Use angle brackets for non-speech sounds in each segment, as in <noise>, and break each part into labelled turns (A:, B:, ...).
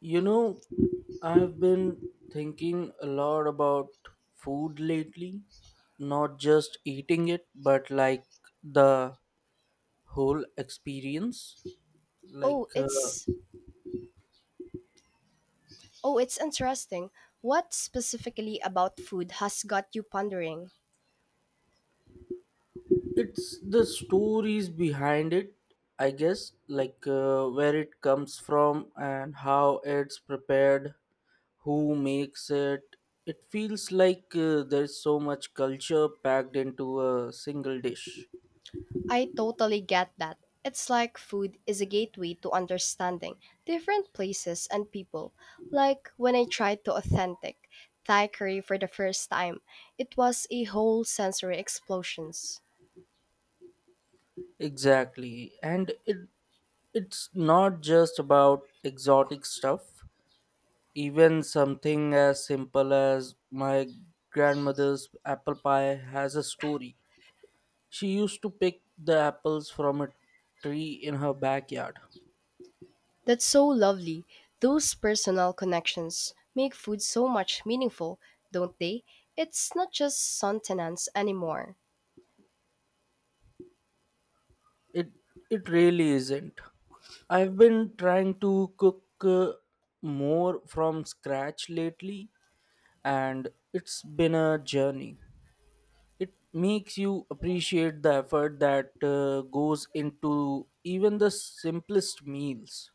A: You know, I've been thinking a lot about food lately, not just eating it, but like the whole experience. Like,
B: Oh,
A: uh,
B: it's oh, it's interesting. What specifically about food has got you pondering?
A: it's the stories behind it, I guess, where it comes from and how it's prepared, who makes it. It feels like there's so much culture packed into a single dish.
B: I totally get that. It's like food is a gateway to understanding different places and people. Like when I tried to authentic Thai curry for the first time, it was a whole sensory explosions.
A: Exactly. And it It's not just about exotic stuff, even something as simple as my grandmother's apple pie has a story. She used to pick the apples from a tree in her backyard.
B: That's so lovely. Those personal connections make food so much meaningful, don't they? It's not just sustenance anymore.
A: It it really isn't. I've been trying to cook more from scratch lately, and it's been a journey. It makes you appreciate the effort that goes into even the simplest meals.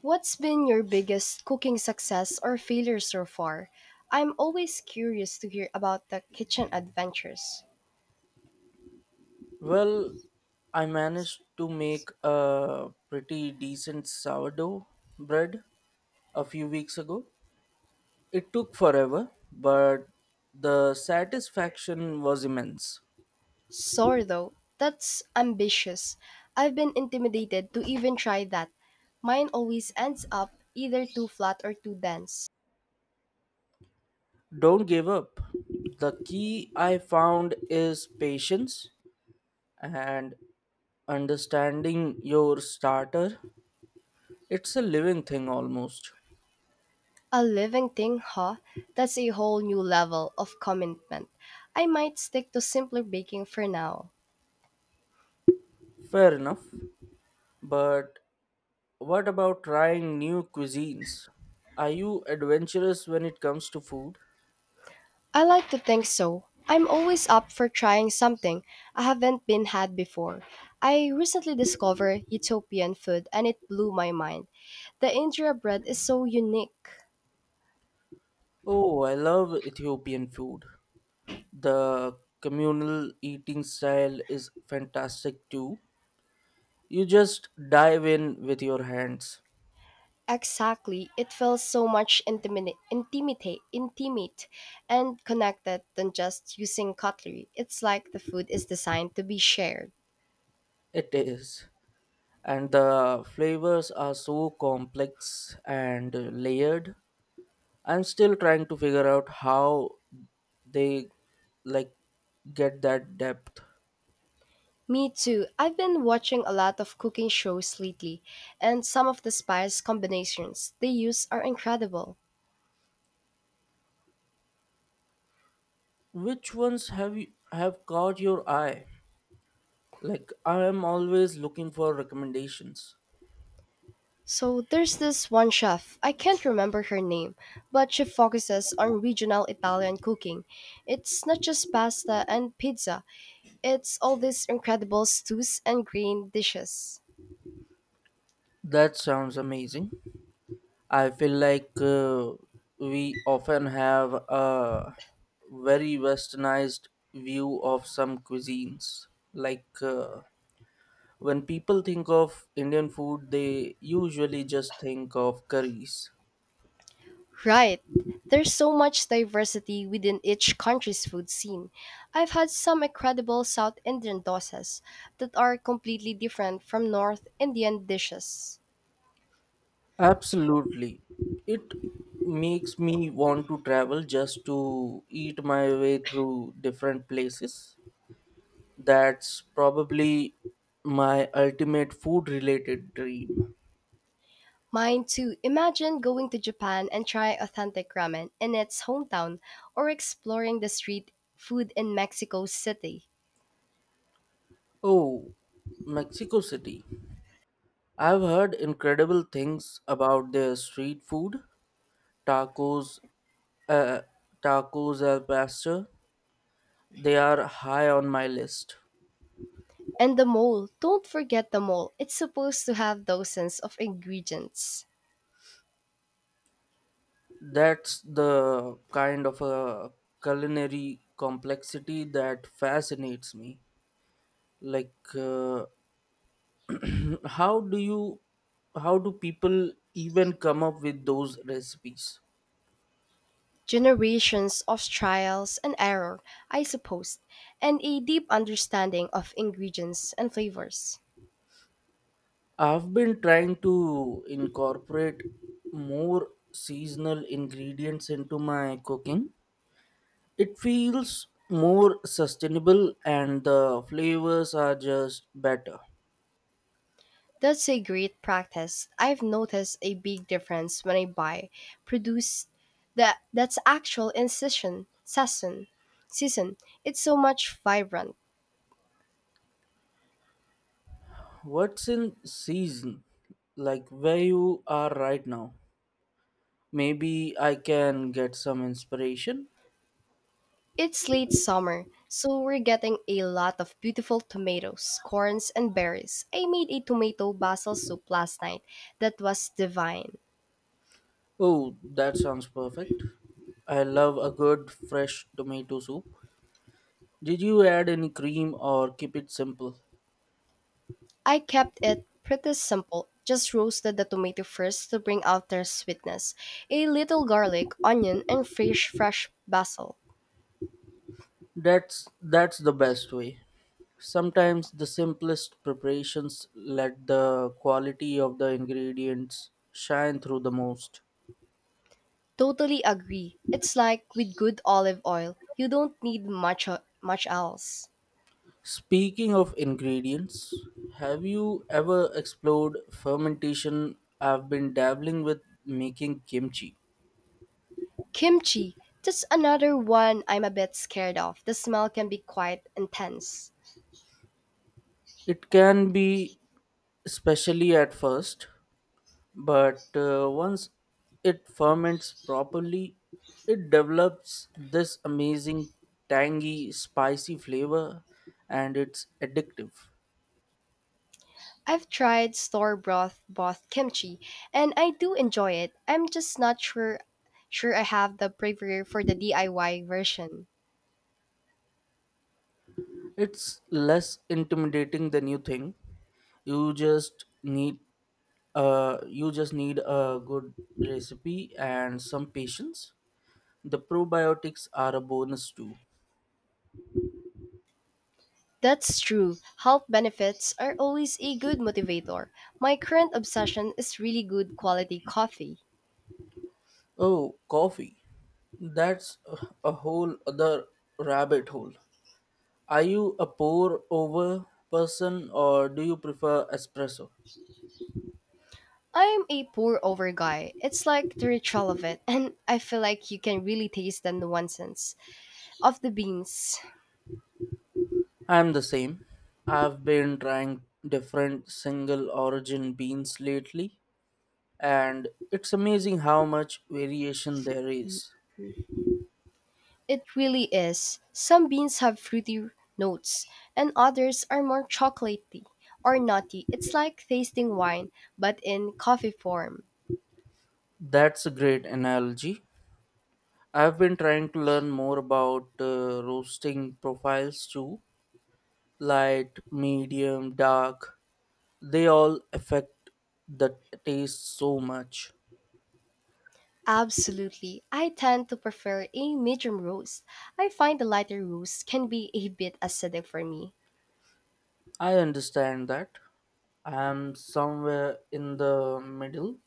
B: What's been your biggest cooking success or failure so far? I'm always curious to hear about the kitchen adventures.
A: Well, I managed to make a pretty decent sourdough bread a few weeks ago. It took forever, but the satisfaction was immense.
B: Sorry though, that's ambitious. I've been intimidated to even try that. Mine always ends up either too flat or too dense.
A: Don't give up. The key I found is patience and understanding your starter. It's a living thing almost.
B: A living thing, huh? That's a whole new level of commitment. I might stick to simpler baking for now.
A: Fair enough. But what about trying new cuisines? Are you adventurous when it comes to food?
B: I like to think so. I'm always up for trying something I haven't been had before. I recently discovered Ethiopian food and it blew my mind. The injera bread is so unique.
A: Oh, I love Ethiopian food. The communal eating style is fantastic too. You just dive in with your hands.
B: Exactly, it feels so much intimate and connected than just using cutlery. It's like the food is designed to be shared.
A: It is. And the flavors are so complex and layered. I'm still trying to figure out how they like get that depth.
B: Me too. I've been watching a lot of cooking shows lately, and some of the spice combinations they use are incredible.
A: Which ones have you have caught your eye? Like I am always looking for recommendations.
B: So there's this one chef, I can't remember her name, but she focuses on regional Italian cooking. It's not just pasta and pizza, it's all these incredible stews and green dishes.
A: That sounds amazing. I feel like we often have a very westernized view of some cuisines. Like uh, when people think of Indian food, they usually just think of curries.
B: Right. There's so much diversity within each country's food scene. I've had some incredible South Indian dosas that are completely different from North Indian dishes.
A: Absolutely. It makes me want to travel just to eat my way through different places. That's probably my ultimate food related dream.
B: Mine too. Imagine going to Japan and try authentic ramen in its hometown or exploring the street food in Mexico City.
A: Oh, Mexico City. I've heard incredible things about their street food, tacos, uh, tacos al pastor. They are high on my list.
B: And the mole. Don't forget the mole. It's supposed to have dozens of ingredients.
A: That's the kind of a culinary complexity that fascinates me. Like, uh, <clears throat> how do you, how do people even come up with those recipes?
B: Generations of trials and error, I suppose, and a deep understanding of ingredients and flavors.
A: I've been trying to incorporate more seasonal ingredients into my cooking. It feels more sustainable and the flavors are just better.
B: That's a great practice. I've noticed a big difference when I buy produce that's actual in season. It's so much vibrant.
A: What's in season? Like where you are right now? Maybe I can get some inspiration.
B: It's late summer, so we're getting a lot of beautiful tomatoes, corns, and berries. I made a tomato basil soup last night that was divine.
A: Oh, that sounds perfect. I love a good fresh tomato soup. Did you add any cream or keep it simple?
B: I kept it pretty simple. Just roasted the tomato first to bring out their sweetness, a little garlic, onion, and fresh basil.
A: That's the best way. Sometimes the simplest preparations let the quality of the ingredients shine through the most.
B: Totally agree. It's like with good olive oil, you don't need much else.
A: Speaking of ingredients, have you ever explored fermentation? I've been dabbling with making kimchi.
B: Kimchi, that's another one I'm a bit scared of. The smell can be quite intense.
A: It can be, especially at first, but once it ferments properly, it develops this amazing tangy, spicy flavor, and it's addictive.
B: I've tried store broth kimchi and I do enjoy it. I'm just not sure I have the bravery for the DIY version.
A: It's less intimidating than you think. You just need you just need a good recipe and some patience. The probiotics are a bonus too.
B: That's true. Health benefits are always a good motivator. My current obsession is really good quality coffee.
A: Oh, coffee. That's a whole other rabbit hole. Are you a pour over person or do you prefer espresso?
B: I'm a pour over guy. It's like the ritual of it, and I feel like you can really taste the nuances of the beans.
A: I'm the same. I've been trying different single origin beans lately, and it's amazing how much variation there is.
B: It really is. Some beans have fruity notes, and others are more chocolatey or nutty. It's like tasting wine, but in coffee form.
A: That's a great analogy. I've been trying to learn more about roasting profiles too: light, medium, dark. They all affect the taste so much.
B: Absolutely. I tend to prefer a medium roast. I find the lighter roast can be a bit acidic for me.
A: I understand that. I'm somewhere in the middle.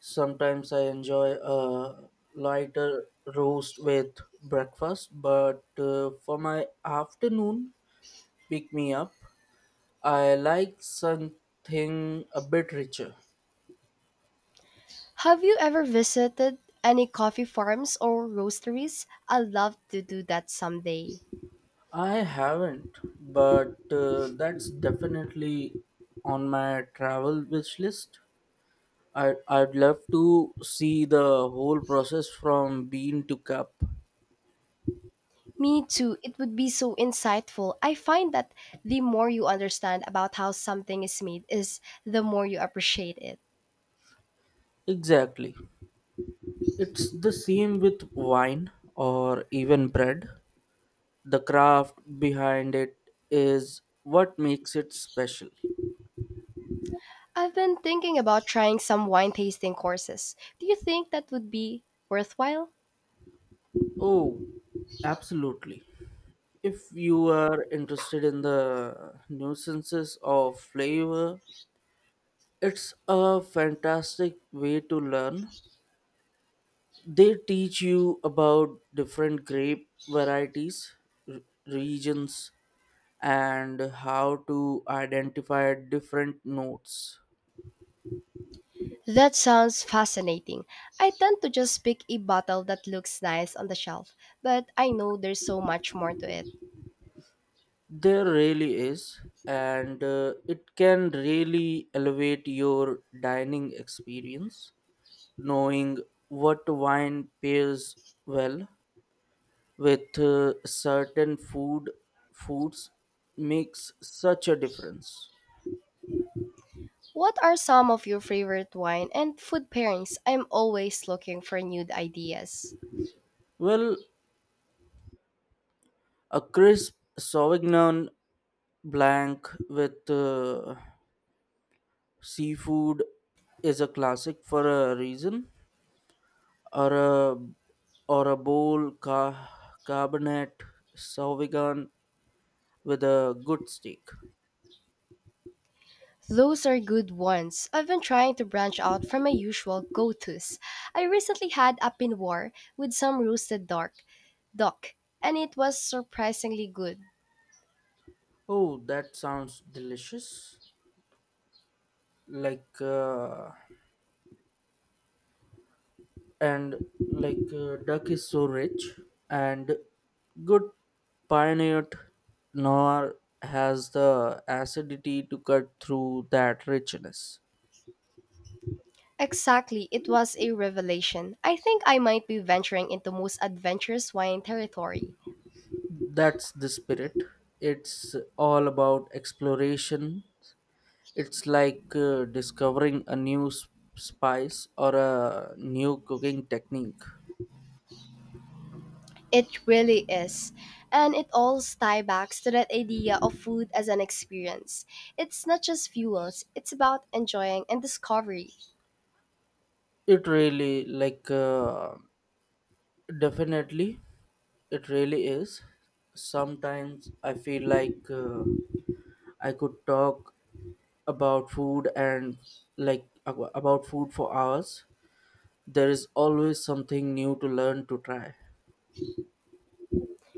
A: Sometimes I enjoy a lighter roast with breakfast, but for my afternoon pick me up, I like something a bit richer.
B: Have you ever visited any coffee farms or roasteries? I'd love to do that someday.
A: I haven't, but that's definitely on my travel wish list. I'd love to see the whole process from bean to cup.
B: Me too. It would be so insightful. I find that the more you understand about how something is made is the more you appreciate it.
A: Exactly. It's the same with wine or even bread. The craft behind it is what makes it special.
B: I've been thinking about trying some wine tasting courses. Do you think that would be worthwhile?
A: Oh, absolutely. If you are interested in the nuances of flavor, it's a fantastic way to learn. They teach you about different grape varieties, r- regions, and how to identify different notes.
B: That sounds fascinating. I tend to just pick a bottle that looks nice on the shelf, but I know there's so much more to it.
A: There really is, and it can really elevate your dining experience. Knowing what wine pairs well with certain foods makes such a difference.
B: What are some of your favorite wine and food pairings? I'm always looking for new ideas.
A: Well, a crisp sauvignon blanc with seafood is a classic for a reason, or a cabernet sauvignon with a good steak.
B: Those are good ones. I've been trying to branch out from my usual go tos. I recently had a pinoir with some roasted dark duck, and it was surprisingly good.
A: Oh, that sounds delicious! Like. And like Duck is so rich, and good pioneered noir has the acidity to cut through that richness.
B: Exactly, it was a revelation. I think I might be venturing into most adventurous wine territory.
A: That's the spirit. It's all about exploration. It's like discovering a new spice or a new cooking technique.
B: It really is. And it all ties back to that idea of food as an experience. It's not just fuels, it's about enjoying and discovery.
A: It really like Definitely, it really is. Sometimes I feel like I could talk about food and like ab- about food for hours. There is always something new to learn to try.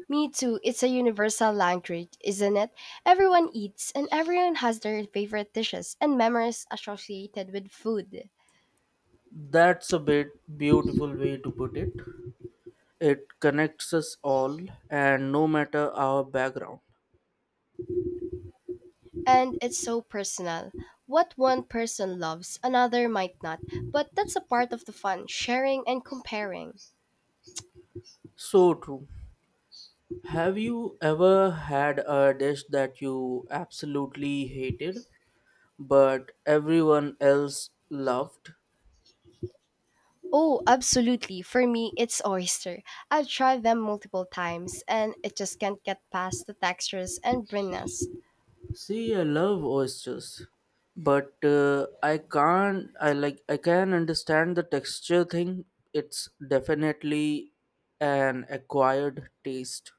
B: Me too, it's a universal language, isn't it? Everyone eats and everyone has their favorite dishes and memories associated with food.
A: That's a bit beautiful way to put it. It connects us all, and no matter our background.
B: And it's so personal. What one person loves, another might not, but that's a part of the fun, sharing and comparing.
A: So true. Have you ever had a dish that you absolutely hated, but everyone else laughed?
B: Oh, absolutely. For me, it's oyster. I've tried them multiple times and it just can't get past the textures and brininess.
A: See, I love oysters, but I can't. I like. I can understand the texture thing. It's definitely an acquired taste.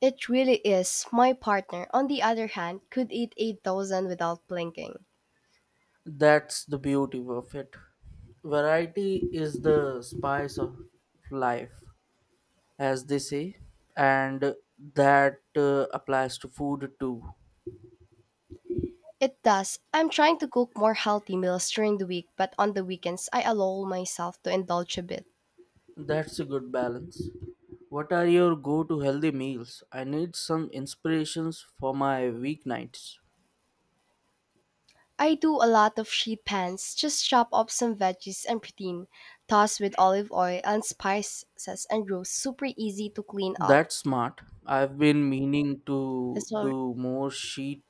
B: It really is. My partner, on the other hand, could eat 8,000 without blinking.
A: That's the beauty of it. Variety is the spice of life, as they say, and that applies to food too.
B: It does. I'm trying to cook more healthy meals during the week, but on the weekends, I allow myself to indulge a bit.
A: That's a good balance. What are your go to healthy meals? I need some inspirations for my weeknights.
B: I do a lot of sheet pans, just chop up some veggies and protein, toss with olive oil and spices, and roast. Super easy to clean up.
A: That's smart. I've been meaning to
B: It's all
A: do more sheet